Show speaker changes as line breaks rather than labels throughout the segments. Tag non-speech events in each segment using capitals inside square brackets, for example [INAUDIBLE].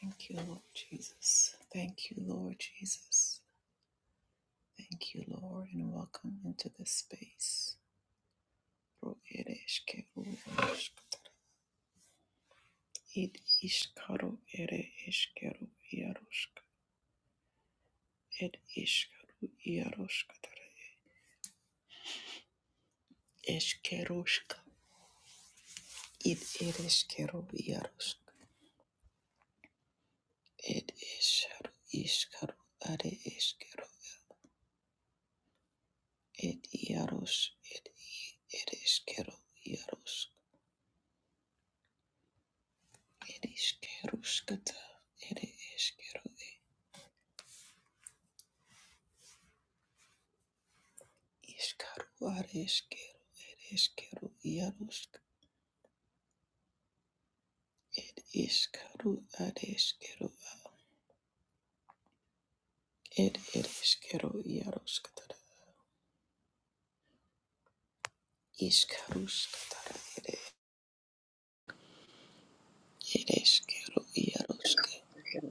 Thank you, Lord Jesus. Thank you, Lord Jesus. Thank you, Lord, and welcome into this space. Ro ere eshkero yaroshk. Id ishkaro ere eshkero yaroshk. Ed ishkaro yaroshk tare. Eshkeroshk. Id ere eshkero yaroshk. Ed isharo ishkaro are eshkero. Ed yarosh. Ed ere eshkero yaroshk. Ere eskero skata, ere eskeru, iskaru are eskero, ere eskero iarosk. ed iskaru are eskeru, ed ere eskero iaroskatara. iskaru skatara, ere ere eskero iarusk,
Yalla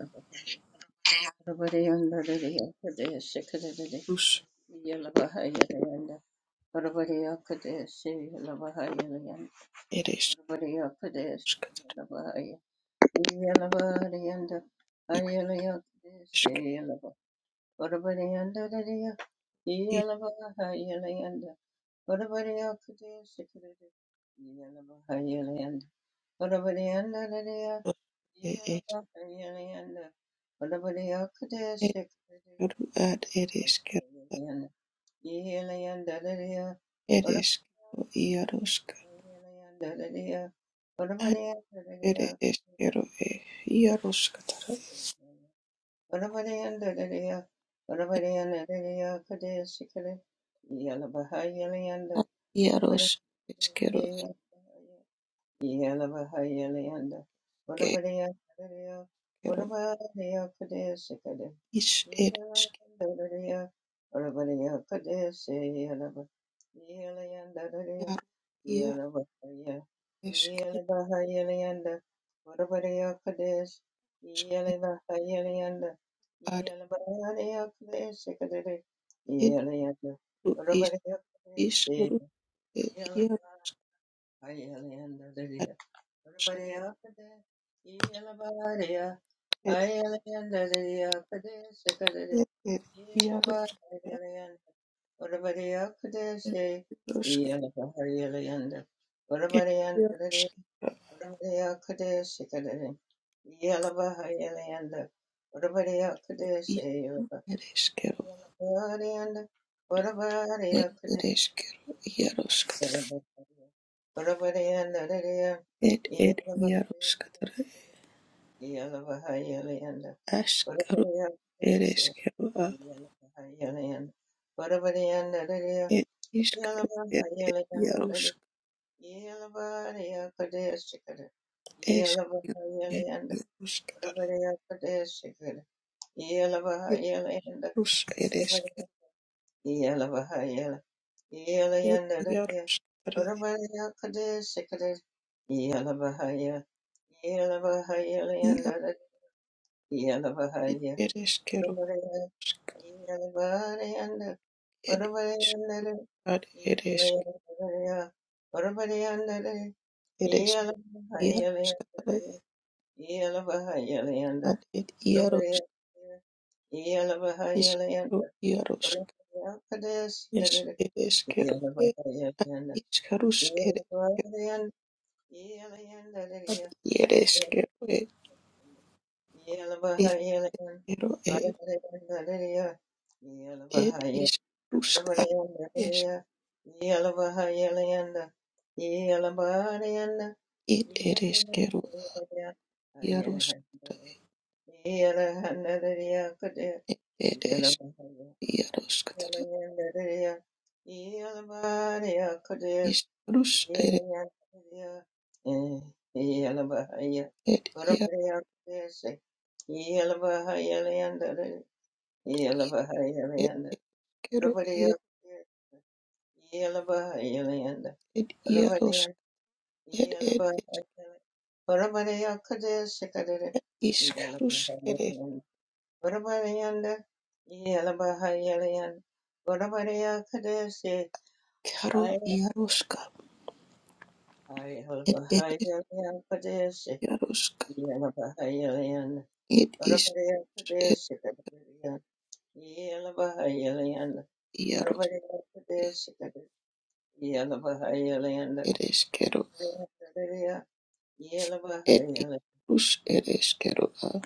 rus ere eskeru isk,
Urubariyanda rariya, iyalabaha yalayanda. Urubariya kudaya sikirere, iyalabaha yalayanda. Urubariyanda rariya,
iskaru, ere
iyalabaha yalayanda. Urubariya kudaya sikirere,
eskeru, ad ere eskero,
yalayanda. Iyalayanda rariya,
ere eskero iarusk,
urabariyanda rariya,
ad
urubariya
ere
rariya.
eskero e iaroskatara.
Orabariyandadariya, orabariyandadariya, kadeshikare, yalabahayaliyanda,
Iaros, eskero
orabariyandadariya, Yelavahayalanda,
ake
Uravariya Kadariya,
ero
Uravariya Kadesikade,
is ed
Yelavandariya, Uravariya Kadesi, Yelava, Yelayandariya,
eskero ia
Yelavahaya,
eskeros
Yelavahayalayanda, Uravariya Kades,
ed
Yelavahayalayanda,
ad
Yelavahariya Kadesikade,
ed
Yelayanda,
ru is
Uravariya
is
Kadesi,
ru ed
Yelavahayalanda,
iaro ad esk
Yelabariya
ed ed ed iaros ed rosk ed iaros is ru ed eskero ed ed eskero iaros katara ed ed iaros katara
Yala Bahayala and
askaro
Whatabody
ed eskero a
yala Bahayala and Whatabody and the
ed iskaro
Yala
ed
Bahayala and
ed
the yala Bahaya Kadeshikada
Es
Yala
quiero ir
Bahayala and
Yaroshkatara,
Whatabody Kadeshikada yala Bahayala and
Yarosh eres quiero,
Yala Bahayala yala and the
Yaroshkatara,
Whatabody Kadeshikada Yala Bahaya yala Bahayala
Yar
and the yala
eres quiero,
Yeah.
Yaroshkatara,
Yeah.
eres eres Yaroshkatara, Yar Yarosh, Ishkaru, Yarosh, Es eres quiero, Ishkarus eres quiero, Ar Eres quiero, Es quiero, Ed Ishkaruska,
Orabadayanda
Es
Hariya, Yelavahayalayanda, Yelabadayanda,
Ed eres quiero,
Yelavahayalayanda,
Yaroshkatara,
Yelahandariya Kadaya, Yelavahayalayanda
Yaroshkatara
Hariya, Yelabadaya Kadaya,
Ishkarush ere
Yelavahaya, Yelavahaya,
ed yar
Orabadaya Kadaya, Yelavahayalayanda,
ed
Yelavahayalayanda,
eskero yar
Orabadaya
ed yarosh ed ed ishkarush ere karo yaroshka ed ed
Yellow
yaroshka ed ish ed yarosh ed eskero
Yela baha
ed
yala
ishkarush ere eskero a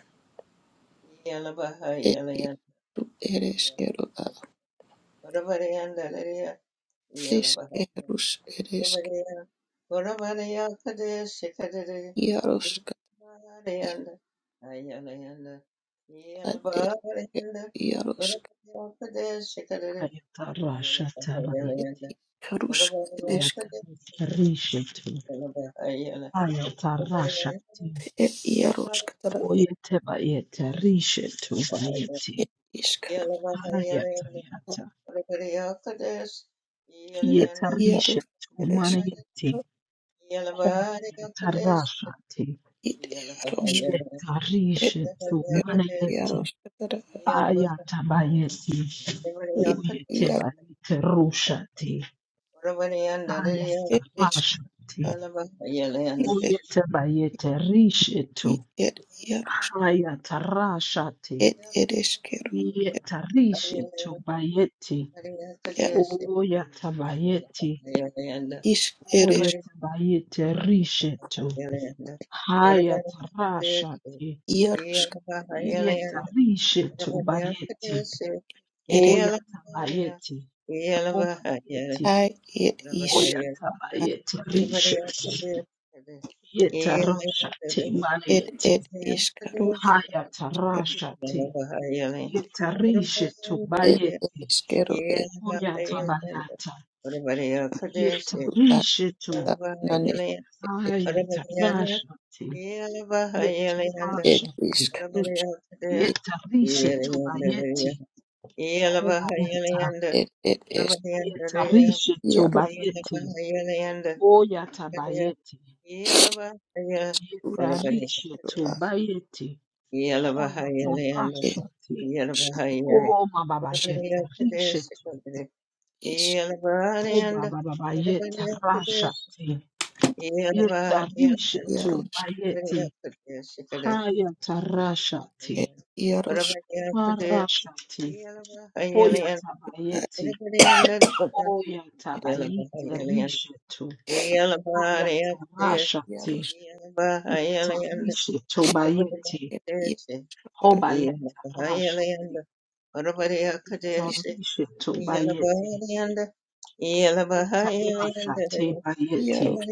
yela baha
ed
yela
ish
yela
ere
yela
eskero a
ora bara yanda lari ya yela baha
eskerush ere
ora
esk
bara ya ora bara ya kade shikade re yela
yaroshka
bara
ish
yanda ayela yanda yela
ad ed
baha yanda ora
yaroshka
bara ya kade shikade re yela
Ayatarasha
baha yela
ed
tabayeti.
yanda ora
karush
bara ya kade shikade
Ayatarishetu.
yela baha yela ora bara yanda
Ayatarashati.
E
ora bara ya
iaroskatara e
Oyetabayeta rishetu bayeti.
e
Yala yela
iskarus
baha yala.
Ayatayata.
e ir
Yetarishetu
Jaroškara
manayeti. Ayatarashati.
e Iškara ir Jaroškara
Yetarishetu
ir
manayeti.
Jaroškara
Ayatabayeti.
ir Jaroškara
Oyetabayeta rushati.
Yeah.
ir Jaroškara
Ayatarashati. Oyetabayeta rishetu.
ir Jaroškara
Kaya tarashate.
ir Ereškara ir
Yetarishe tobayeti. Oya tabayeti.
Iš Ereš
Oya tabayete
Yeah.
rishe to.
Ora
Haya
bhaya,
tarashate.
Jaroškara
Yetarishe
ora bhaya,
tobayeti.
ir
Oya tabayeti. Omanayeti.
Ai ir
ora
Iš
Oya tabayete
ir
rishe. Yetarashate manayeti.
ir Iškaru
Haya
ir
tarashate. Yetarishe
ir
tobayeti.
Iškaru ir
Oya tabayata.
Ata
Yetarishetu.
Nanis
Ayatarashati.
bhaya,
ir
Yetarashati.
Iškaru
Yeah.
It
Yetarishetu bayeti. Hobayata.
it it is
Yetarishetu
Yaroshua
bayeti. Oyata bayeti. Yetarishetu bayeti.
is
Hoyatarashati. O mababa yetarishetu.
is
O mababa yetarashati. Yetarishetu
Yarosh
bayeti. Hayatarashati.
it Yarosh
Marashati,
is at
Hoyatabayeti,
Yeah,
it
Oyatabayeti,
to
Rishetu,
it
Hayatarashati,
Yarosh
Yetarishetu Bayeti,
it Yatara
Hobayatarashati,
is
Yetarishetu Bayeti, Yetarashati Bayeti,
Yarosh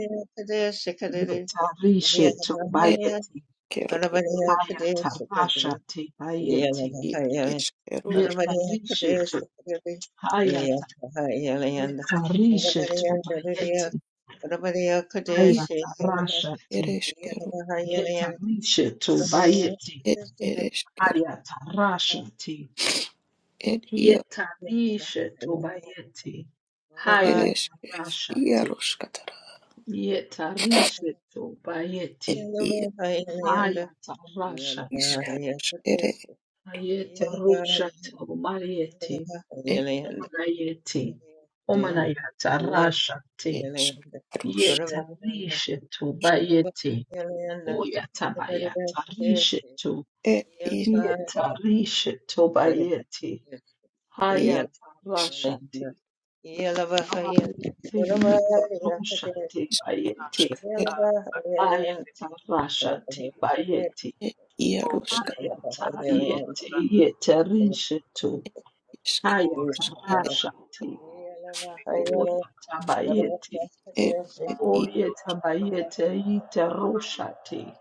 Yetarishetu
it
Bayeti,
Kero
Hayatarashati Bayeti,
it is Kerosh
Yetarishetu, Hayata, Yetarishetu Bayeti,
Urabariya
is
Kadeshi
Hayata
Yalabaki
Rasha
it
T.
is Kero
Yalabahayalayan
Hieta Misha
Urabariya
Tobayeti.
it it is Kero
Hayata Rasha T.
it Yar
Hieta Misha Tobayeti.
it
Hayata
is
Rasha T.
Yarosh Katara
Hieta Risha
it
Yalabahayalayan
Tobayeti.
Yar
Yalabahayalayan
Hayata Rasha
is
T.
Yalabariya
Kerosh it
Kadeshi
Hayata Rusha
Yalabariya Yalabahayalayan
Tobayeti.
Yalabahayalayan
Omanayeti.
Urabariya
Omanayata
Yalabahayalayan
Rasha
it
T.
is
Urabariya
Kerosh
Yeta Risha Tobayeti.
Kadeshi
Oyatabayata
it is
Yeta rishe tobayeti.
is
Yalabariya
Hayata
Yalabahayalayan
rashati.
Yelavahaya,
Ayete yita
Yelavahaya, Kadesh,
roshati bayeti.
Kerosh
Yelavahaya, Land,
Ayata rashati
Yelavahaya, Kadesh,
bayeti.
Ed Yarushka
Yelavahaya,
Hayata
Land,
yete yeta rishe to.
Yelavahaya,
Ed Ishkarushka
Hayata rashati.
Land, Yelavahaya, Kadesh, Yelavahaya, Land,
Oyata
Yelavahaya,
bayeti.
Kadesh,
Ed Ed
Yelavahaya,
Ed Ed
Oyeta bayete yita roshati.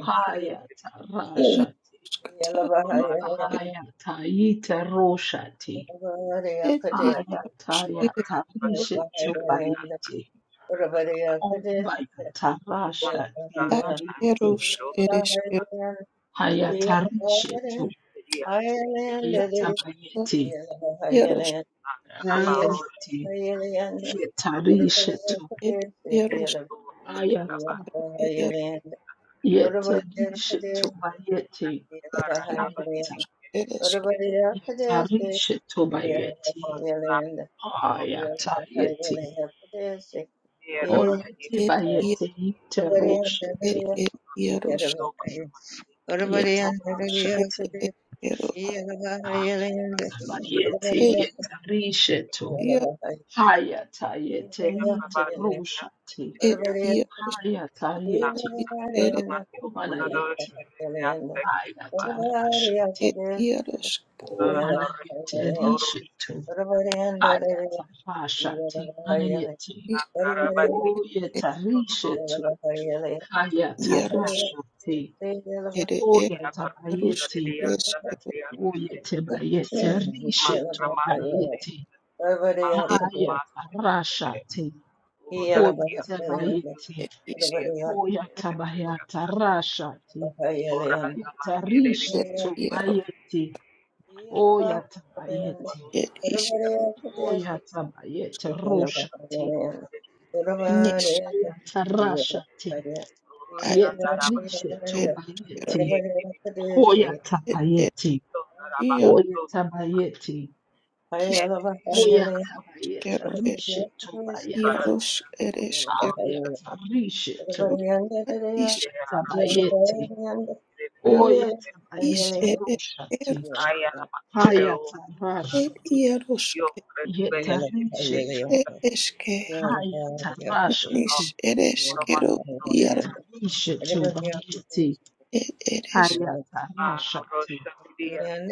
Hayata rashati.
Land,
Yarushkata
Yelavahaya,
Ed
Ayata yita roshati.
Kadesh, Yelavahaya,
Ed Ishkarushka
Ayatayatarishe bayete. Ombayatarasha
Ed
timanete.
Ashkarushka Ed
Yelavahaya, Land,
Hayatarishe
Yelavahaya,
tu.
Ireland,
Ishkarushka
Hayatabayete.
Ireland,
Yarushka
Yeah.
Ayete. Yetarishe tu.
Ed Yarushka
Ayata.
Ed
Yeterishe tu bayete. Hayata.
Ed Ishka
Yetarishe tu bayete. Ayatayete. Oyete
Ed Ed
bayete. Yeteroshate.
Ed Ed Yarushka Ishka Ed
Yetarashate.
Ishkaruha
Haya tabayete
Ed
yetarishetu.
Yar
Haya tayete rite rushati.
Ed Yarushka
Haya tayeti
Ed
Everybody
omanayeti. Haya tarashati.
Ed Yarushka
Omanayete rishetu. Haya tarashati manayeti.
Ishka
Oye tarishetu. Haya
Yarushka
tarashati. Oya
Ruskis
tabayeti. Oye tebayete rishetu bayeti.
ed
Haya tarashati. Oyatabayeti,
is
oyatabayata rashati, yetarishe
ed iaros
tobayeti, oyatabayeti,
ed is
Yeah.
oyatabayeti
Yeah.
roshati,
nis
ayatarashati,
ad is
yetarishe
et skero
tobayeti,
ed ed
oyatabayeti,
iar
oyatabayeti,
is
oyatabayeti
skero ed
rishe tobayata,
iaros ed skero ed
ayatarishe
ad is
tobayatabayeti,
is
oyatabayeti
ed
roshati,
skero
Haya tarasha
ed
te,
iaros
yetarisha tu.
ed eske
Haya tarasha
nis
te,
ed skero iaro
yetarisha tu bayeti.
ed ed is
Haya tarasha te,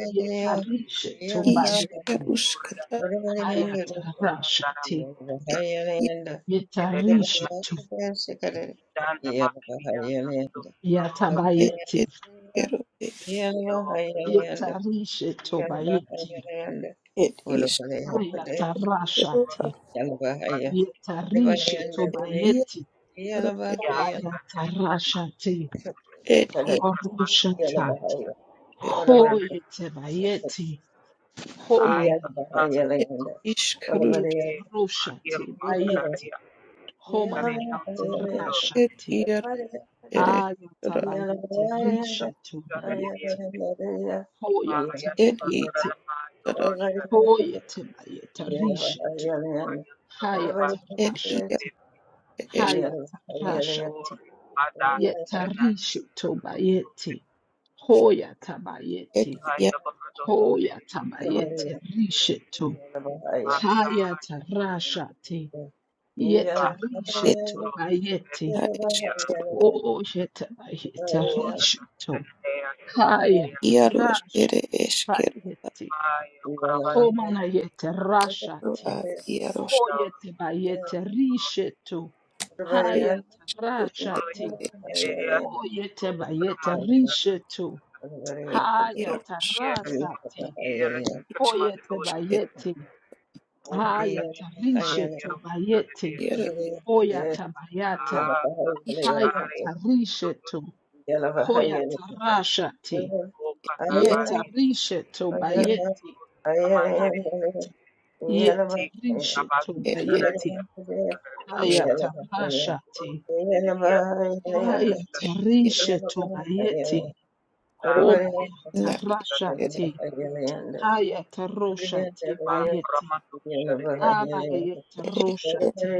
yetarisha tu bayeti.
iskerus kata
Haya tarasha te,
ed iar
yetarisha tu.
ed
Yatabayeti,
ed skero
yetarisha tu bayeti.
It is
Haya
Yeah.
tarasha te,
Ruha
yetarisha tu bayeti.
Iaro it
Hobaya tarasha te,
it is
horusha
it
Ho yete bayete. Ho manayete.
it is
Ho
Krus
yete roshate bayete. Ho manayete
it
rashate.
Yeah.
Iaro
everybody else,
it
everybody
is
Ayata
Ra
bayete rishetu bayete. Ho yata
it is
bayete.
Ra
Ho yete bayete rishetu. Hayata
it Iaro
rashate.
it is
Hayata
Ra
rashate. Yeta rishetu bayete. Ho yata
it
bayete.
Iaro
Ho yata bayete rishetu. Hayata rashati yeta
it
risheto bayeti
Ar is
o yeta bayeta risheto hayata
Iaros it
rashati
is Kero
bayeti homana yeta rashati
Ar Iaros
hoyete bayete risheto
it
hayata
Ru it
rashati
it is
o yeta bayete
else,
risheto
everybody
it
else, everybody else,
hayata
Iaros
Yeah.
rashati
is
hoyete
it
bayeti hayata risheto bayeti
Iaro
Hoyata bayata,
is
hayata rishetu, hoyata rashati, yeta rishetu
Iaro
bayeti, hayata, yeta rishetu
it is
bayeti,
Rus
hayata rashati, hayata
it Iaro
rishetu bayeti, hobayata
La is it
rashati, hayata roshati bayeti, abayeta
it is
roshati,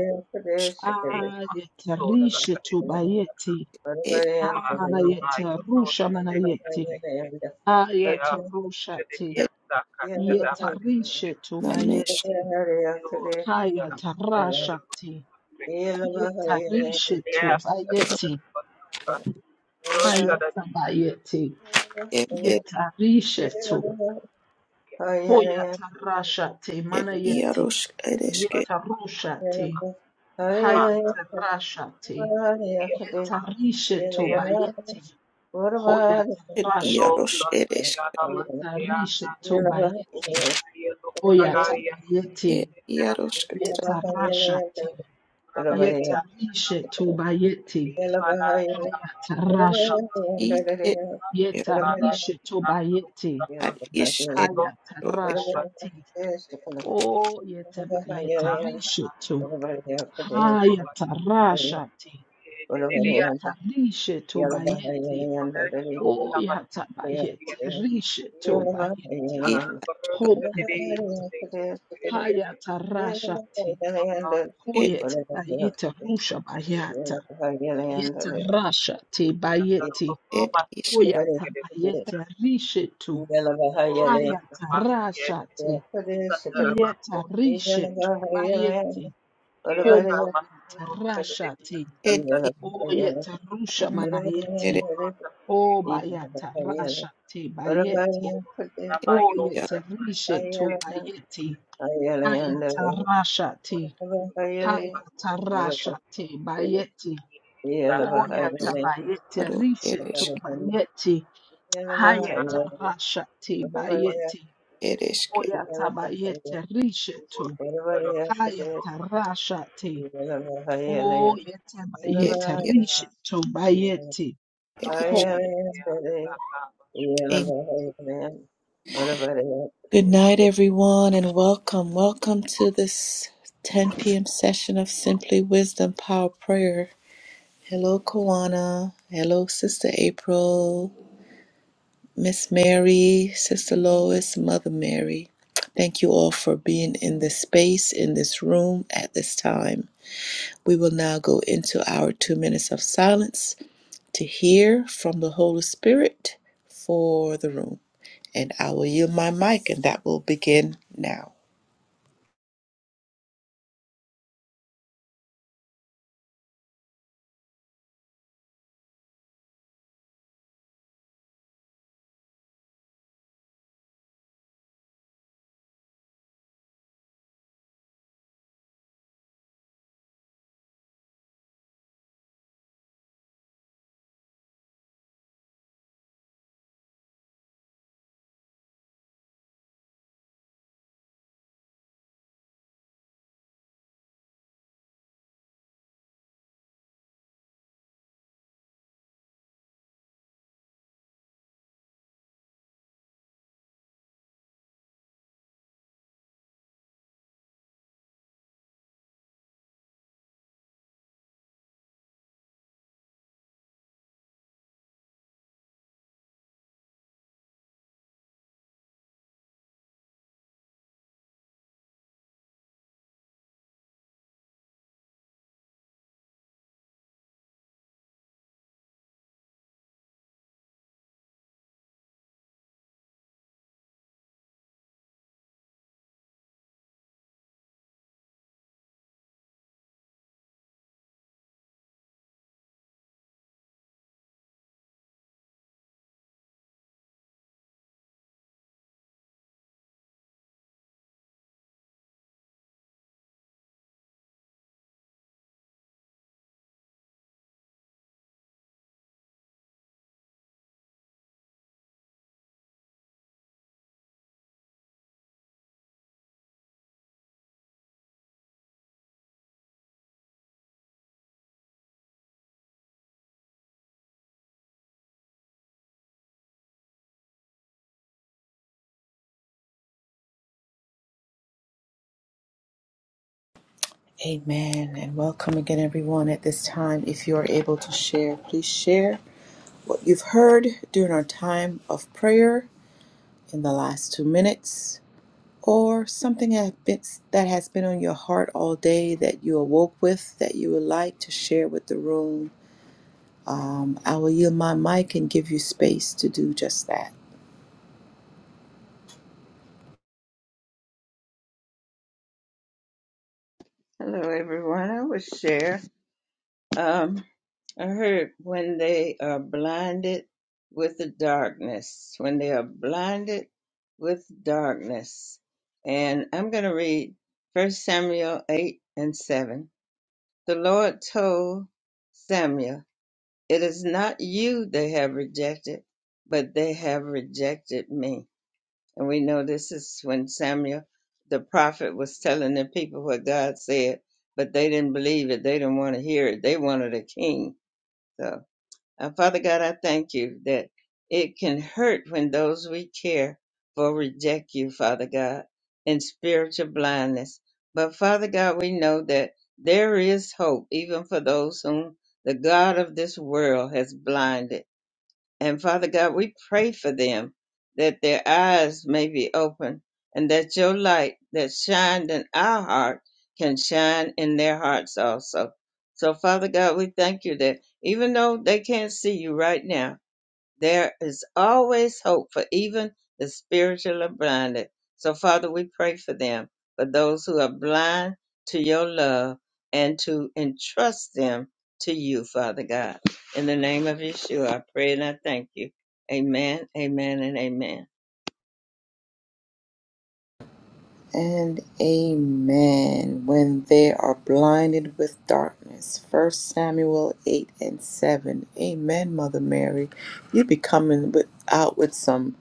ayeta rishetu bayeti,
Ed
Ana yeta rusha mana yeti. Aya tarusha ti.
ed
Yeta rishe tu
manesh
bayeti. Haya tarasha ti. Yeta rishe tu bayeti. Haya tabayeti.
ed ed
Yeta rishe tu. Hoya
ed
mana
Everybody,
yeti.
iaros ereske
Yeta rusha ti. Haya Yeta rishe bayeti. Hoya
ed
tarasha
iaros ereske
Yeta rishe bayeti. Oyata
ed
bayete,
iaros ketra
yeta rashati, yeta rishe tobayete, hayata
Yellow,
rashati,
id ed ed
yeta rishe tobayete,
ad is ed
hayata
ro ed
rashati. O yeta bayeta rishe to, hayata rashati, yeta rishe tobayete, o yata bayete, rishe tobayete,
id aska
homanayata, hayata rashati.
ed
Hoyet bayeta rusha bayata. Yeta rasha te bayeti.
ed iska
Hoyata bayete rishetu. Hayata rasha te. Yeta rishetu bayeti.
Yeah.
Homanayata rasha te.
ed is
Oyeta rusha
anna
What
ere
manayeti. O bayata rasha te bayeti.
ed ia
Oyeta rishetu bayeti. Hayata rasha te. Hayata rasha te bayeti. Oya tabayete
iskaro
rishe
ereske
tobayete haya tarasha tebayete
ereske
oya tabayete rishe to haya tarasha te oya
ed
tabayete
ia
rishe tobayete
ereske.
hoya.
Amen.
about
Good
it?
night, everyone, and welcome. Welcome to this 10 p.m. session of Simply Wisdom Power Prayer. Hello, Kawana. Hello, Sister April, Miss Mary, Sister Lois, Mother Mary. Thank you all for being in this space, in this room at this time. We will now go into our two minutes of silence to hear from the Holy Spirit for the room. And I will yield my mic, and that will begin now. Amen. And welcome again, everyone, at this time. If you are able to share, please share. what you've heard during our time of prayer in the last two minutes, or something that has been that has been on your heart all day that you awoke with that you would like to share with the room. Um, I will yield my mic and give you space to do just that.
Hello, everyone. I will share. Um, I heard when they are blinded with the darkness, when they are blinded with darkness. And I'm going to read First Samuel 8 and 7. The Lord told Samuel, It is not you they have rejected, but they have rejected me and we know this is when Samuel, the prophet, was telling the people what God said, but they didn't believe it. They didn't want to hear it. They wanted a king. So, uh, Father God, I thank you that it can hurt when those we care for reject you, Father God, in spiritual blindness. But, Father God, we know that there is hope even for those whom the God of this world has blinded and Father God, we pray for them that their eyes may be open and that your light that shined in our heart can shine in their hearts also. So, Father God, we thank you that even though they can't see you right now, there is always hope for even the spiritually blinded. So, Father, we pray for them, for those who are blind to your love, and to entrust them to you, Father God. In the name of Yeshua, I pray and I thank you. Amen, amen, and amen.
And amen. When they are blinded with darkness. First Samuel 8 and 7. Amen, Mother Mary. You be coming with, out with some.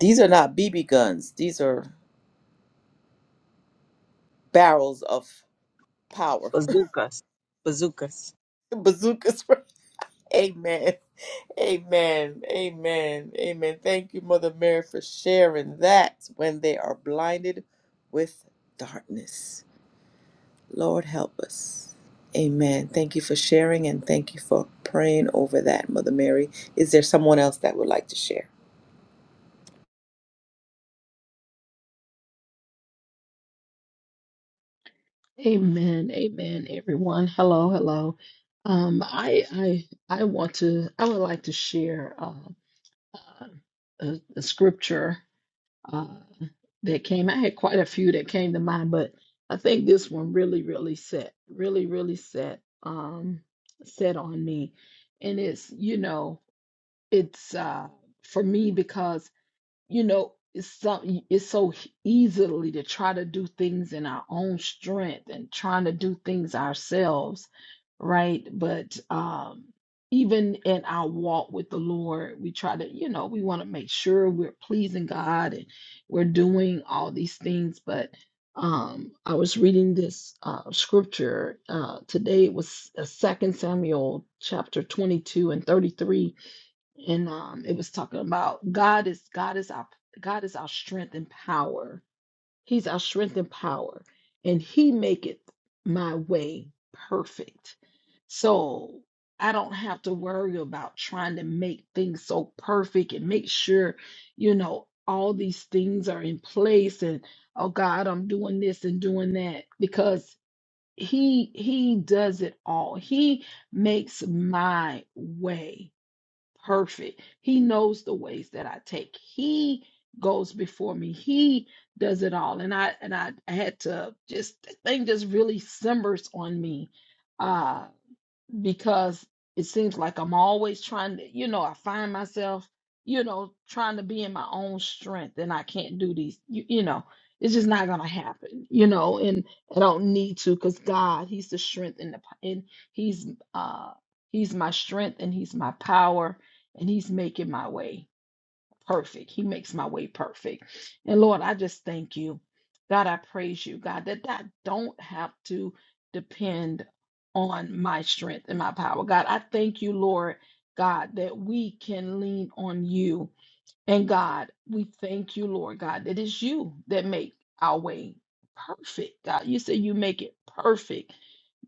These are not BB guns. These are barrels of power. [LAUGHS]
bazookas, bazookas.
Bazookas. right? Amen. Amen. Amen. Amen. Thank you, Mother Mary, for sharing that when they are blinded with darkness. Lord, help us. Amen. Thank you for sharing and thank you for praying over that, Mother Mary. Is there someone else that would like to share?
Amen, amen. Everyone, hello, hello. Um, I I I want to I would like to share uh, uh, a, a scripture uh, that came. I had quite a few that came to mind, but I think this one really, really set, really, really set, um, set on me. And it's, you know, it's uh, for me because you know it's so it's so easily to try to do things in our own strength and trying to do things ourselves right but um even in our walk with the lord we try to you know we want to make sure we're pleasing god and we're doing all these things but um i was reading this uh scripture uh today it was uh, second samuel chapter 22 and 33 and um, it was talking about God is God is our God is our strength and power. He's our strength and power, and He maketh my way perfect. So I don't have to worry about trying to make things so perfect and make sure, you know, all these things are in place. And oh God, I'm doing this and doing that because He He does it all. He makes my way perfect. He knows the ways that I take. He goes before me. He does it all. And I and I, had to just the thing just really simmers on me uh, because it seems like I'm always trying to, you know, I find myself, you know, trying to be in my own strength and I can't do these, you, you know, it's just not going to happen, you know, and I don't need to because God, He's the strength and the, p- and He's, uh, He's my strength and He's my power and He's making my way perfect. He makes my way perfect. And Lord, I just thank you. God, I praise you, God, that I don't have to depend on my strength and my power. God, I thank you, Lord, God, that we can lean on you. And God, we thank you, Lord God, that it's you that make our way perfect. God, you say you make it perfect.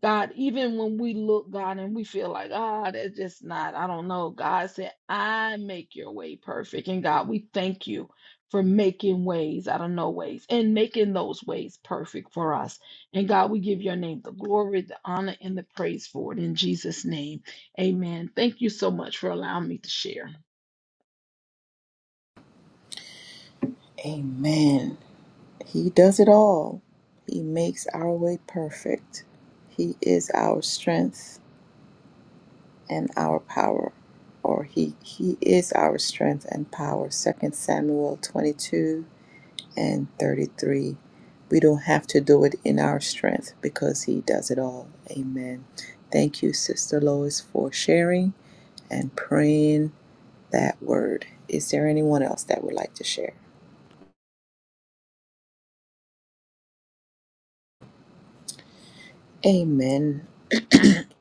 God, even when we look, God, and we feel like, ah, that's just not, I don't know. God said, I make your way perfect. And God, we thank you for making ways out of no ways and making those ways perfect for us. And God, we give your name the glory, the honor, and the praise for it. In Jesus' name, amen. Thank you so much for allowing me to share.
Amen. He does it all. He makes our way perfect. He is our strength. and our power or he he is our strength and power Second samuel 22 and 33 we don't have to do it in our strength because he does it all amen thank you sister lois for sharing and praying that word is there anyone else that would like to share amen [CLEARS THROAT]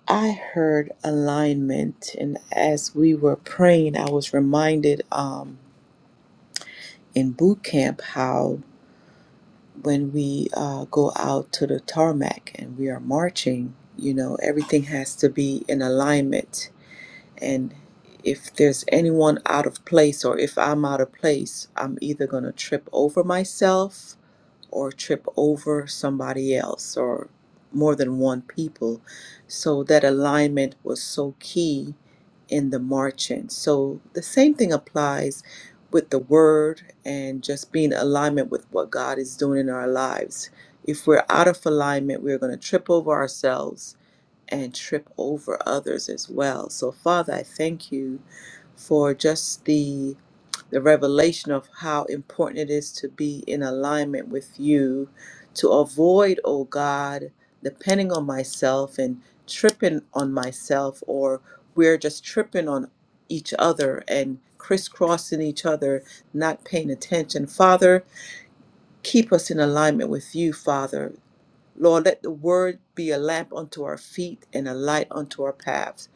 i heard alignment and as we were praying i was reminded um in boot camp how when we uh, go out to the tarmac and we are marching, you know, everything has to be in alignment. And if there's anyone out of place or if I'm out of place, I'm either going to trip over myself or trip over somebody else or more than one people. So that alignment was so key in the marching. So the same thing applies with the word and just being in alignment with what God is doing in our lives. If we're out of alignment, we're going to trip over ourselves and trip over others as well. So Father, I thank you for just the the revelation of how important it is to be in alignment with you to avoid, oh God, depending on myself and tripping on myself or we're just tripping on each other and crisscrossing each other, not paying attention. Father, keep us in alignment with you, Father, Lord, let the word be a lamp unto our feet and a light unto our paths.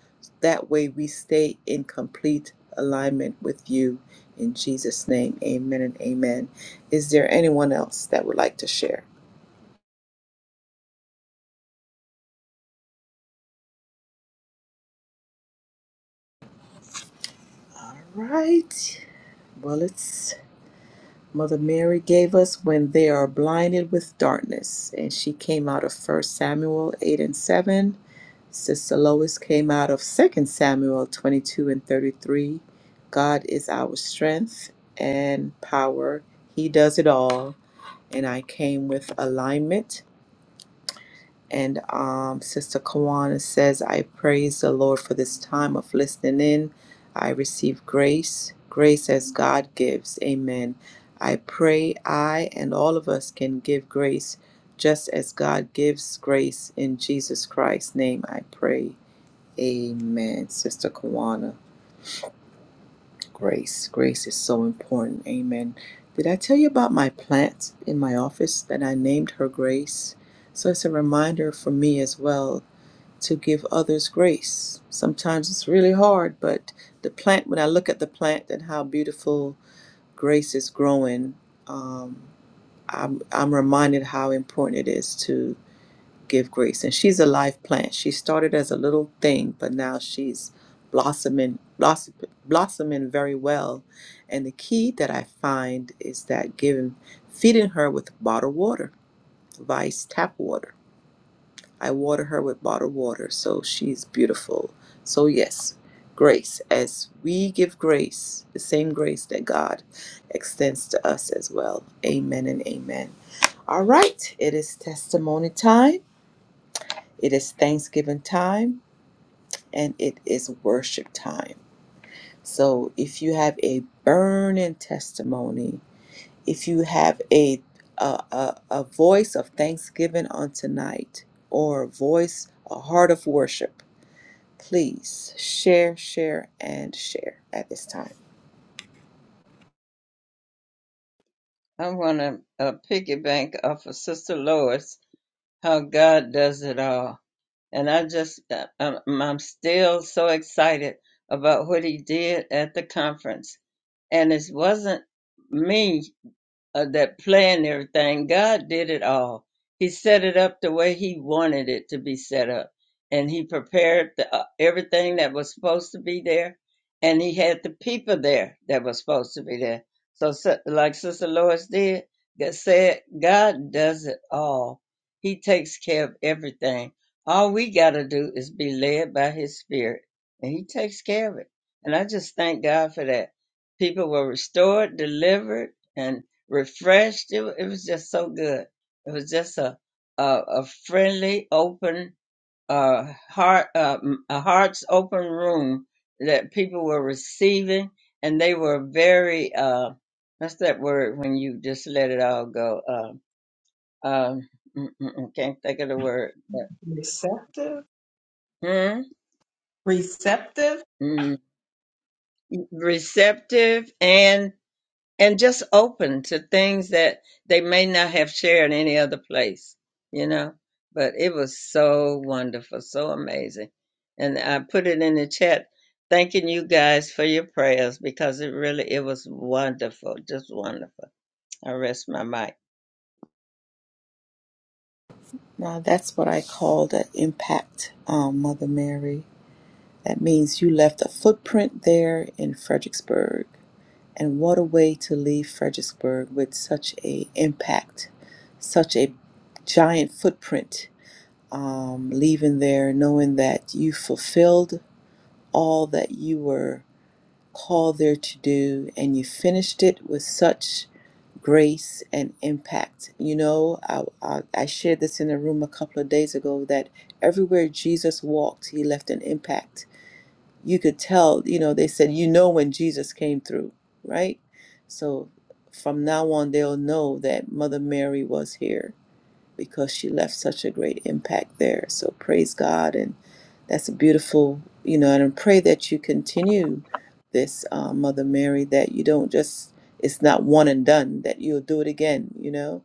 That way we stay in complete alignment with you. In Jesus' name, amen and amen. Is there anyone else that would like to share? All right. Well, it's Mother Mary gave us when they are blinded with darkness. And she came out of First Samuel 8 and 7. Sister Lois came out of Second Samuel 22 and 33. God is our strength and power. He does it all. And I came with alignment. And um, Sister Kawana says, I praise the Lord for this time of listening in. I receive grace, grace as God gives. Amen. I pray I and all of us can give grace just as God gives grace in Jesus Christ's name. I pray. Amen. Sister Kawana, grace. Grace is so important. Amen. Did I tell you about my plant in my office that I named her Grace? So it's a reminder for me as well to give others grace. Sometimes it's really hard, but the plant, when I look at the plant and how beautiful grace is growing, um, I'm, I'm reminded how important it is to give grace. And she's a live plant. She started as a little thing, but now she's blossoming, blossom, blossoming very well. And the key that I find is that giving, feeding her with bottled water, vice tap water I water her with bottled water, so she's beautiful. So, yes, grace. As we give grace, the same grace that God extends to us as well. Amen and amen. All right, it is testimony time, it is Thanksgiving time, and it is worship time. So, if you have a burning testimony, if you have a a, a, a voice of thanksgiving on tonight, or a voice, a heart of worship Please share, share, and share at this time.
I want to uh, piggyback off of Sister Lois, how God does it all. And I just, uh, I'm I'm still so excited about what he did at the conference and it wasn't me uh, that planned everything. God did it all. He set it up the way He wanted it to be set up, and He prepared the, uh, everything that was supposed to be there, and He had the people there that was supposed to be there. So, so like Sister Lois did that said, God does it all. He takes care of everything. All we got to do is be led by His Spirit, and He takes care of it. And I just thank God for that. People were restored, delivered, and refreshed. It, it was just so good. It was just a a, a friendly, open, uh, heart, uh, m- a hearts open room that people were receiving, and they were very. Uh, what's that word when you just let it all go? Uh, um, mm, mm, mm, can't think of the word. But,
receptive,
hmm?
receptive
Mm, receptive and and just open to things that they may not have shared any other place, you know. But it was so wonderful, so amazing. And I put it in the chat thanking you guys for your prayers because it really it was wonderful, just wonderful. I rest my mic.
Now, that's what I call the impact, um, Mother Mary. That means you left a footprint there in Fredericksburg. And what a way to leave Fredericksburg with such a impact, such a giant footprint, um, leaving there knowing that you fulfilled all that you were called there to do and you finished it with such grace and impact. You know, I, I, I shared this in a room a couple of days ago that everywhere Jesus walked, he left an impact. You could tell, you know, they said, you know, when Jesus came through, right? So from now on, they'll know that Mother Mary was here because she left such a great impact there. So praise God, and that's a beautiful, you know. And I pray that you continue this, uh, Mother Mary, that you don't just it's not one and done. That you'll do it again, you know.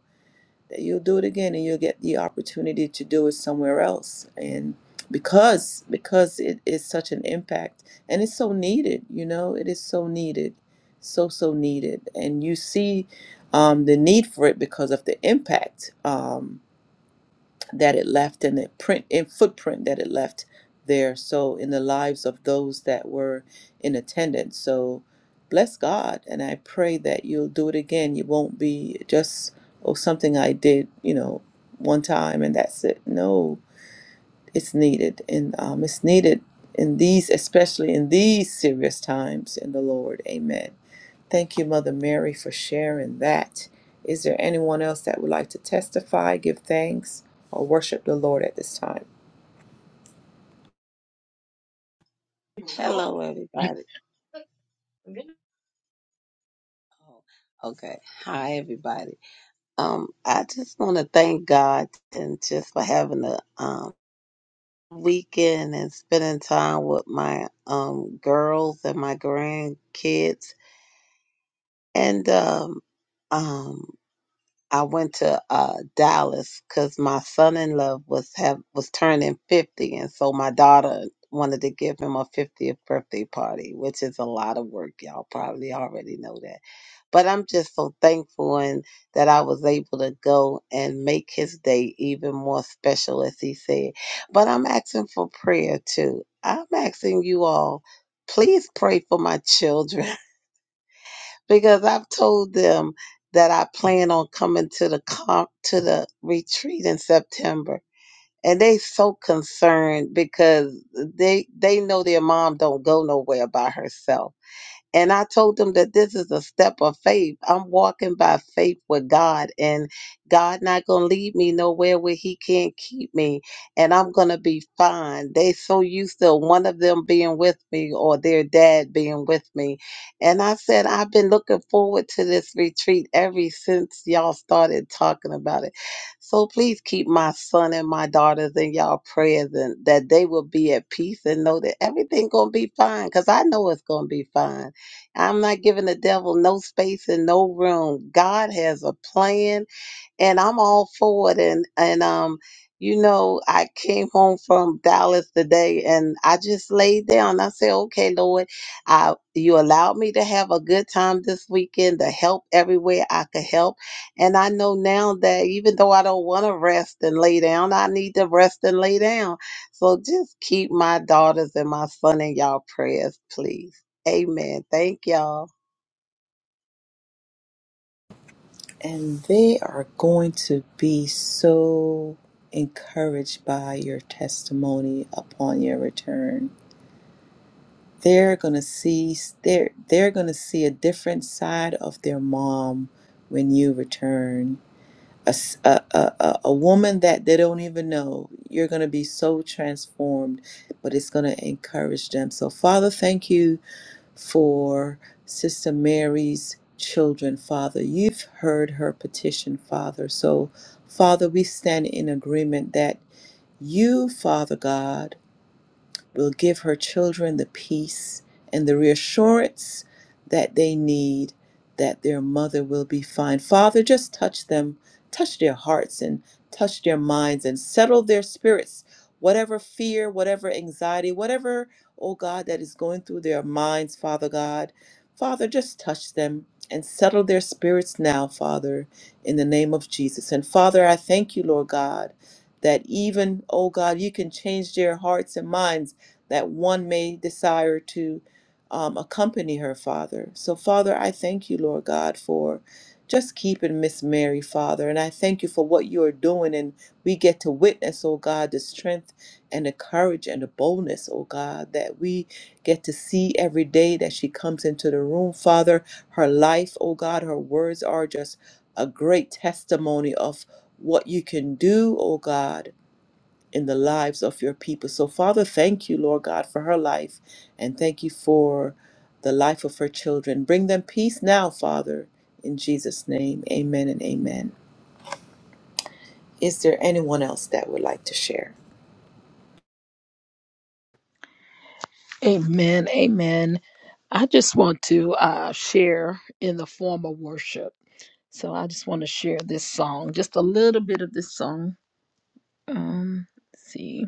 That you'll do it again, and you'll get the opportunity to do it somewhere else, and because because it is such an impact, and it's so needed, you know. It is so needed, so so needed, and you see. Um, the need for it because of the impact. Um, that it left and the print and footprint that it left there. So in the lives of those that were in attendance. So bless God and I pray that you'll do it again. You won't be just oh something I did, you know, one time and that's it. No, it's needed and um, it's needed in these especially in these serious times in the Lord. Amen. Thank you, Mother Mary, for sharing that. Is there anyone else that would like to testify, give thanks, or worship the Lord at this time?
Hello, everybody. Oh, okay. Hi, everybody. Um, I just want to thank God and just for having a um weekend and spending time with my um girls and my grandkids. And um, um, I went to uh, Dallas because my son-in-law was have was turning fifty, and so my daughter wanted to give him a fiftieth birthday party, which is a lot of work. Y'all probably already know that, but I'm just so thankful and that I was able to go and make his day even more special, as he said. But I'm asking for prayer too. I'm asking you all, please pray for my children. [LAUGHS] because I've told them that I plan on coming to the comp, to the retreat in September, and they so concerned because they they know their mom don't go nowhere by herself and I told them that this is a step of faith. I'm walking by faith with God, and God not gonna lead me nowhere where He can't keep me, and I'm gonna be fine. They so used to one of them being with me or their dad being with me, and I said I've been looking forward to this retreat ever since y'all started talking about it. So please keep my son and my daughters in y'all prayers, and that they will be at peace and know that everything gonna be fine, cause I know it's gonna be fine I'm not giving the devil no space and no room. God has a plan and I'm all for it. And and um, you know, I came home from Dallas today, and I just laid down. I said, "Okay, Lord, I you allowed me to have a good time this weekend to help everywhere I could help, and I know now that even though I don't want to rest and lay down, I need to rest and lay down. So just keep my daughters and my son in y'all prayers, please. Amen. Thank y'all.
And they are going to be so encouraged by your testimony upon your return. They're going to see they're, they're going to see a different side of their mom when you return. A a a a woman that they don't even know. You're going to be so transformed, but it's going to encourage them. So, Father, thank you for Sister Mary's children, Father. You've heard her petition, Father. So, Father, we stand in agreement that you, Father God, will give her children the peace and the reassurance that they need that their mother will be fine. Father, just touch them, touch their hearts and touch their minds and settle their spirits. Whatever fear, whatever anxiety, whatever, oh God, that is going through their minds, Father God, Father, just touch them and settle their spirits now, Father, in the name of Jesus. And Father, I thank you, Lord God, that even, oh God, you can change their hearts and minds that one may desire to um, accompany her, Father. So, Father, I thank you, Lord God, for just keeping Miss Mary, Father. And I thank you for what you are doing. And we get to witness, oh God, the strength and the courage and the boldness, oh God, that we get to see every day that she comes into the room, Father. Her life, oh God, her words are just a great testimony of what you can do, oh God in the lives of your people. So, Father, thank you, Lord God, for her life and thank you for the life of her children. Bring them peace now, Father, in Jesus' name. Amen and amen. Is there anyone else that would like to share?
Amen. Amen. I just want to uh, share in the form of worship. So I just want to share this song, just a little bit of this song. Um, let's see.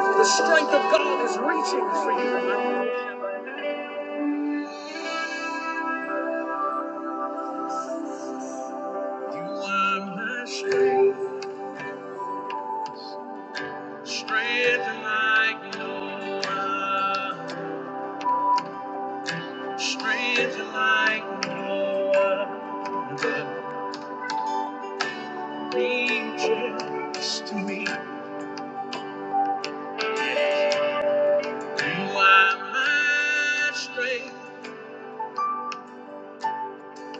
The strength of God is reaching for you. You are my strength, strength like no other, strength like no other. Reaches to me. You are my strength,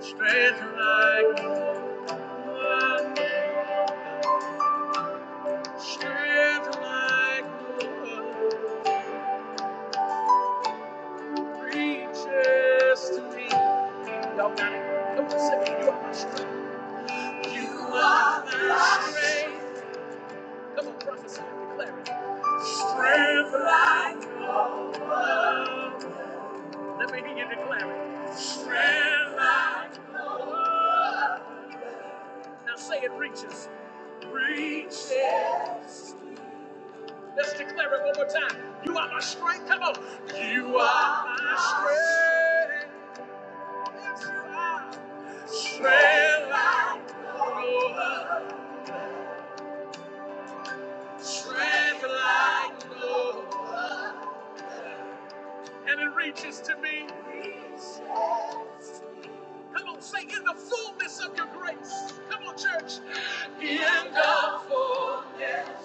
strength like no other, strength like no other reaches to me. Y'all got it. Come on, say it. you are my strength. You are my strength. Come on, prophesy, and declare it. Strength like no other. Let me hear you declare it. Strength like no other. Now say it reaches. Reaches. Let's declare it one more time. You are my strength. Come on. You are my strength. Yes, you are. Strength like no other. Strength like no other. And it reaches to me. Come on, say in the fullness of your grace. Come on, church. In the fullness.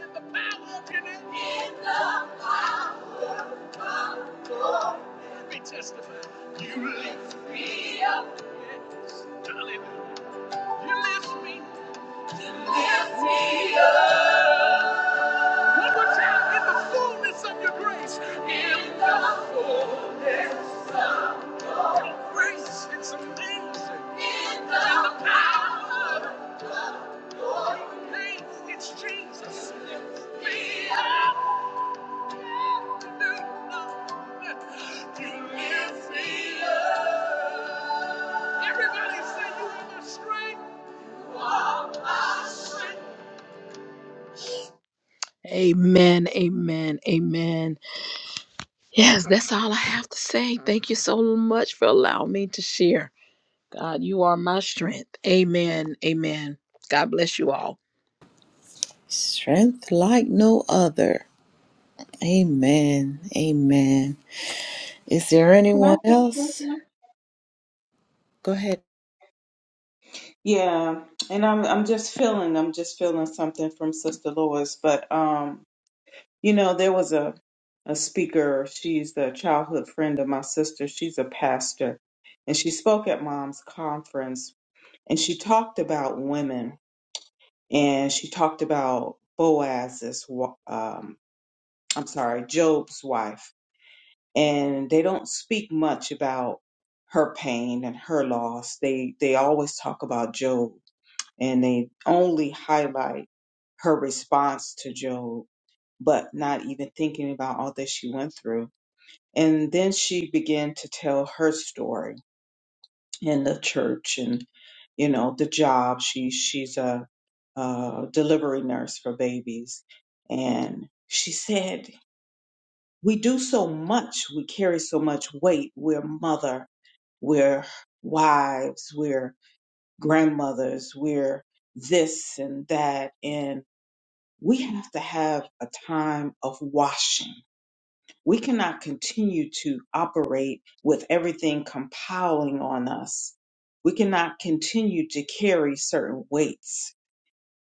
In the power of your name. Let me testify. You lift me up. Yes. Hallelujah. You lift me. Lift me up. One more time. In the fullness of your grace. In the fullness. Grace. It's amazing. In the power of your grace. It's Jesus. Lift me up. You lift me up. Everybody say you are my strength. My strength. Amen, amen, amen. Yes, that's all I have to say. Thank you so much for allowing me to share. God, you are my strength. Amen, amen. God bless you all.
Strength like no other. Amen. Amen. Is there
Can I
anyone
say
else?
something?
Go ahead.
Yeah, and I'm I'm just feeling I'm just feeling something from Sister Lois, but um, you know, there was a a speaker. She's a childhood friend of my sister. She's a pastor, and she spoke at Mom's conference, and she talked about women, and she talked about Boaz's, wa- um, I'm sorry, Job's wife and they don't speak much about her pain and her loss. They they always talk about Job and they only highlight her response to Job, but not even thinking about all that she went through. And then she began to tell her story in the church and you know the job. She she's a, a delivery nurse for babies, and she said, "We do so much. We carry so much weight. We're mother." We're wives, we're grandmothers, we're this and that. And we have to have a time of washing. We cannot continue to operate with everything compiling on us. We cannot continue to carry certain weights.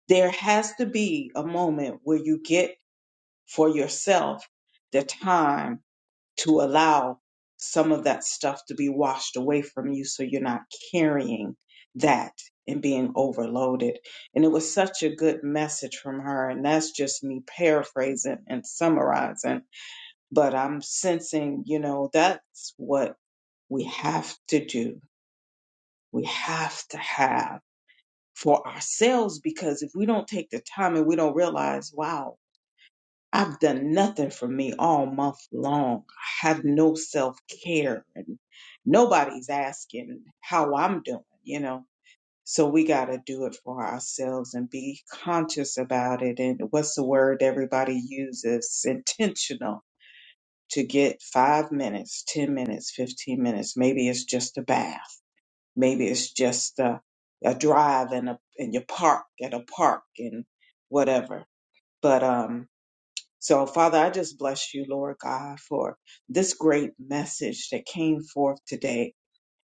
There has to be a moment where you get for yourself the time to allow some of that stuff to be washed away from you so you're not carrying that and being overloaded. And it was such a good message from her. And that's just me paraphrasing and summarizing. But I'm sensing, you know, that's what we have to do. We have to have for ourselves because if we don't take the time and we don't realize, wow, I've done nothing for me all month long. I have no self care and nobody's asking how I'm doing, you know. So we got to do it for ourselves and be conscious about it. And what's the word everybody uses? Intentional to get five minutes, 10 minutes, 15 minutes. Maybe it's just a bath. Maybe it's just a, a drive in a, in your park at a park and whatever. But, um, so, Father, I just bless you, Lord God, for this great message that came forth today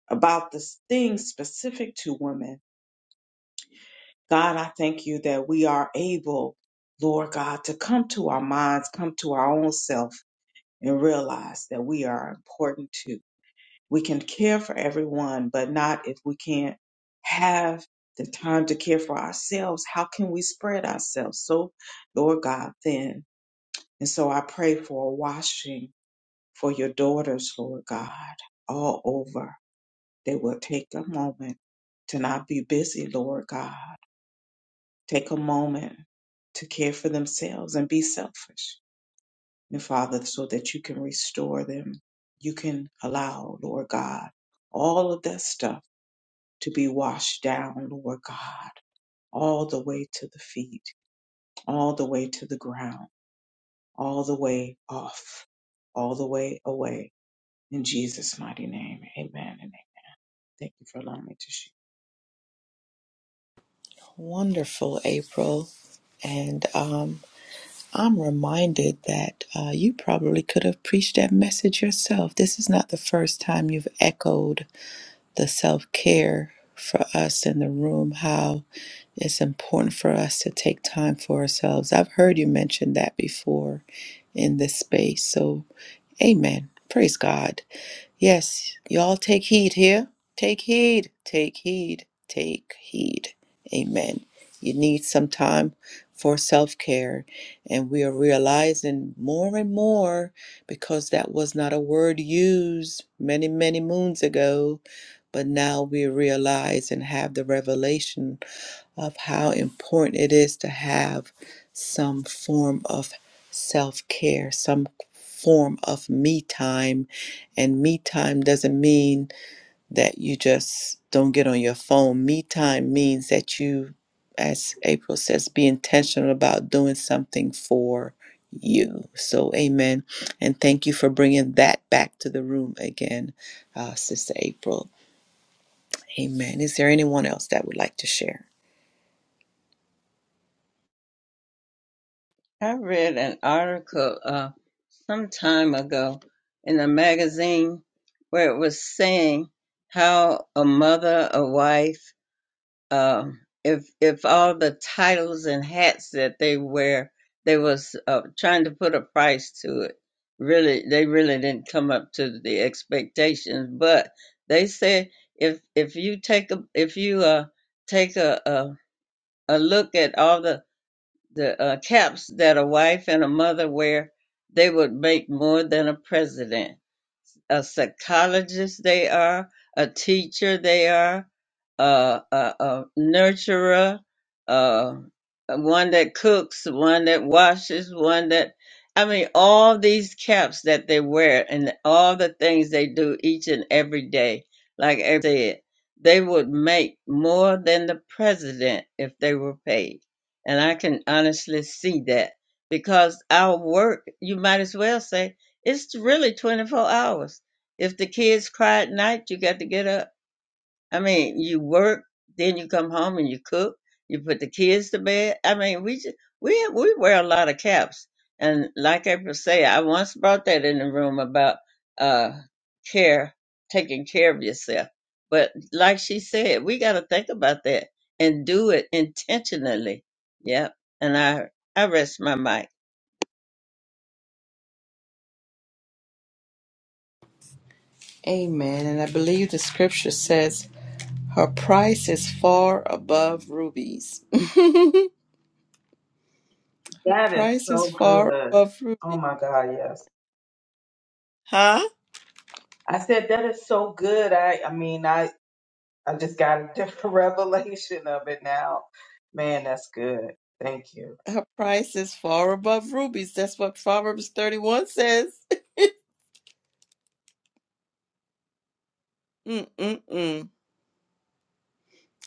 about this thing specific to women. God, I thank you that we are able, Lord God, to come to our minds, come to our own self, and realize that we are important too. We can care for everyone, but not if we can't have the time to care for ourselves. How can we spread ourselves so, Lord God, thin? And so I pray for a washing for your daughters, Lord God, all over. They will take a moment to not be busy, Lord God. Take a moment to care for themselves and be selfish. And Father, so that you can restore them. You can allow, Lord God, all of that stuff to be washed down, Lord God, all the way to the feet, all the way to the ground, all the way off, all the way away. In Jesus' mighty name, amen and Thank you for allowing me to share.
Wonderful, April. And um, I'm reminded that uh, you probably could have preached that message yourself. This is not the first time you've echoed the self care for us in the room, how it's important for us to take time for ourselves. I've heard you mention that before in this space. So, amen. Praise God. Yes, y'all take heed here. Take heed, take heed, take heed. Amen. You need some time for self care. And we are realizing more and more because that was not a word used many, many moons ago. But now we realize and have the revelation of how important it is to have some form of self care, some form of me time. And me time doesn't mean that you just don't get on your phone. Me time means that you, as April says, be intentional about doing something for you. So, amen. And thank you for bringing that back to the room again, uh, Sister April. Amen. Is there anyone else that would like to share?
I read an article uh some time ago in a magazine where it was saying how a mother, a wife um, if if all the titles and hats that they wear, they was uh, trying to put a price to it. Really, they really didn't come up to the expectations. But they said if if you take a if you uh take a a, a look at all the the uh, caps that a wife and a mother wear, they would make more than a president a psychologist they are, a teacher they are, uh, a, a nurturer, uh, one that cooks, one that washes, one that, I mean, all these caps that they wear and all the things they do each and every day, like I said, they would make more than the president if they were paid. And I can honestly see that because our work, you might as well say, it's really 24 hours if the kids cry at night, you got to get up. I mean, you work, then you come home and you cook. You put the kids to bed. I mean, we just, we we wear a lot of caps. And like April say, I once brought that in the room about uh care, taking care of yourself. But like she said, we got to think about that and do it intentionally. Yep. And I I rest my mic.
Amen. And I believe the scripture says, Her price is far above rubies. [LAUGHS] Her price is far above rubies. Huh?
I So good. I, I just got a different [LAUGHS] revelation of it now. Man, that's good. Thank you.
Her price is far above rubies. That's what Proverbs 31 says. [LAUGHS] Mm-mm-mm.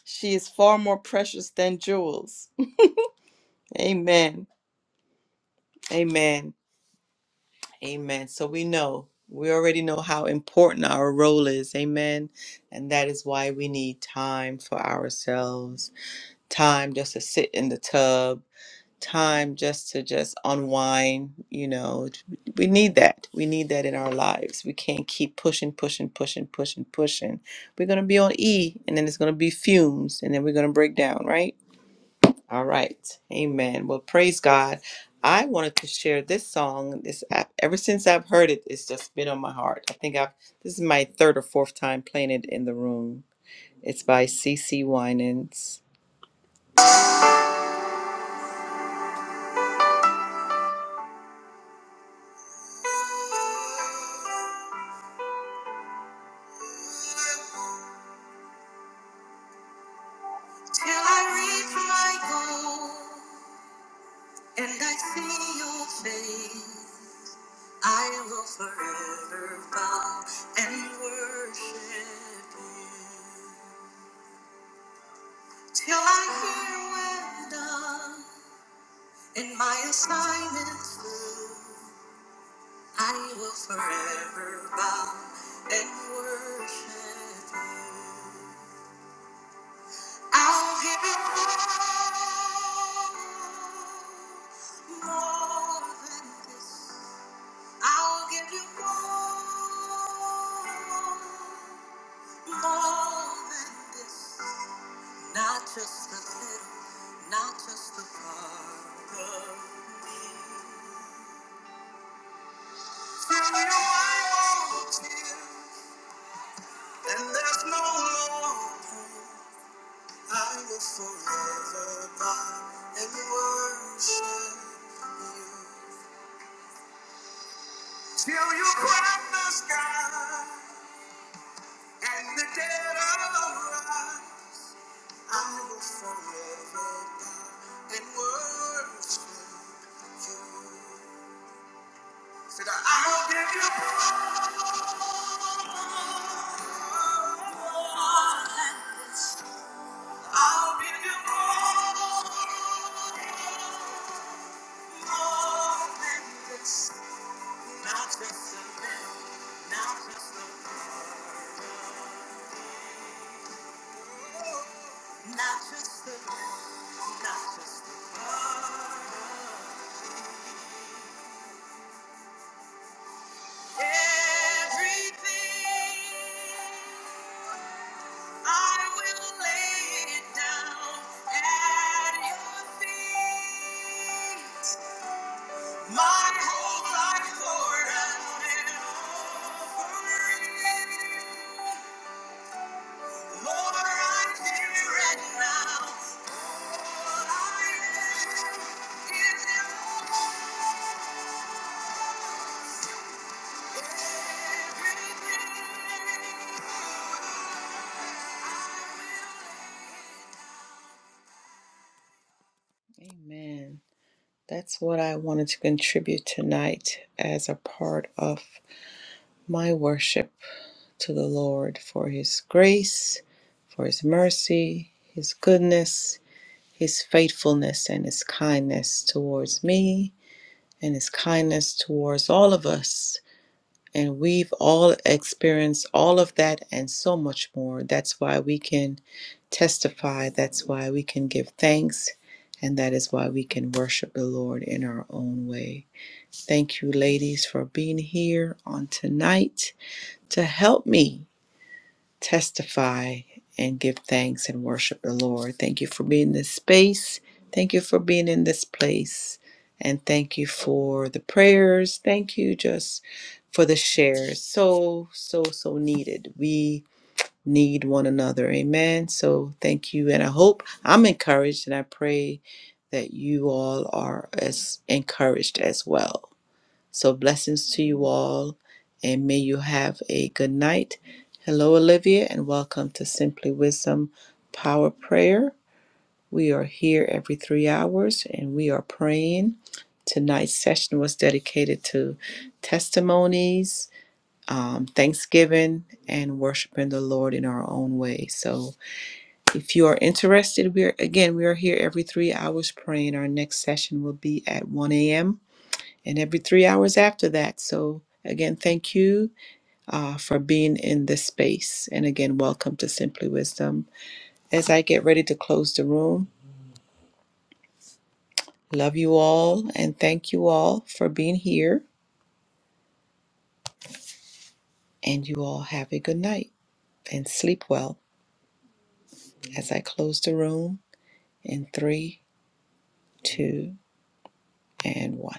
She is far more precious than jewels. [LAUGHS] Amen. Amen. Amen. So we know, we already know how important our role is. Amen. And that is why we need time for ourselves. time just to sit in the tub, time just to just unwind, you know. We need that. We need that in our lives. We can't keep pushing, pushing, pushing, pushing, pushing. We're going to be on E and then it's going to be fumes and then we're going to break down, right? All right. Amen. Well, praise God. I wanted to share this song. This app, ever since I've heard it, it's just been on my heart. I think I've this is my third or fourth time playing it in the room. It's by C. C. Winans Till I reach my goal and I see your face, I will forever bow and worship you. Till I hear well done and my assignment's through, I will forever bow and worship you. I'll give you more than this. I'll give you more, more than this. Not just a little, not just a part of me. Till you I want you, and there's no more. I will forever bow and worship you. Till from the sky and the dead arise, I will forever bow and worship you. Said I will give you praise. I'll give you praise. Not just a man, not just a not just a not just a everything. I will lay it down at your feet. My whole life poured out and offering. Lord, I'm here and now. All I am is yours. Amen. That's what I wanted to contribute tonight as a part of my worship to the Lord for His grace, for His mercy, His goodness, His faithfulness, and His kindness towards me, and His kindness towards all of us. And we've all experienced all of that and so much more. That's why we can testify. That's why we can give thanks. And that is why we can worship the Lord in our own way. Thank you, ladies, for being here on tonight to help me testify and give thanks and worship the Lord. Thank you for being in this space. Thank you for being in this place. And thank you for the prayers. Thank you just for the shares. So, so, so needed. We need one another. Amen. So thank you. And I hope I'm encouraged and I pray that you all are as encouraged as well. So, blessings to you all, and may you have a good night. Hello, Olivia, and welcome to Simply Wisdom Power Prayer. We are here every three hours and we are praying. Tonight's session was dedicated to testimonies, um, thanksgiving, and worshiping the Lord in our own way. So, if you are interested, we are again we are here every three hours praying. Our next session will be at 1 a.m and every three hours after that. So, again, thank you uh, for being in this space. And again, welcome to Simply Wisdom. As I get ready to close the room, love you all and thank you all for being here. And you all have a good night and sleep well as I close the room in three, two, and one.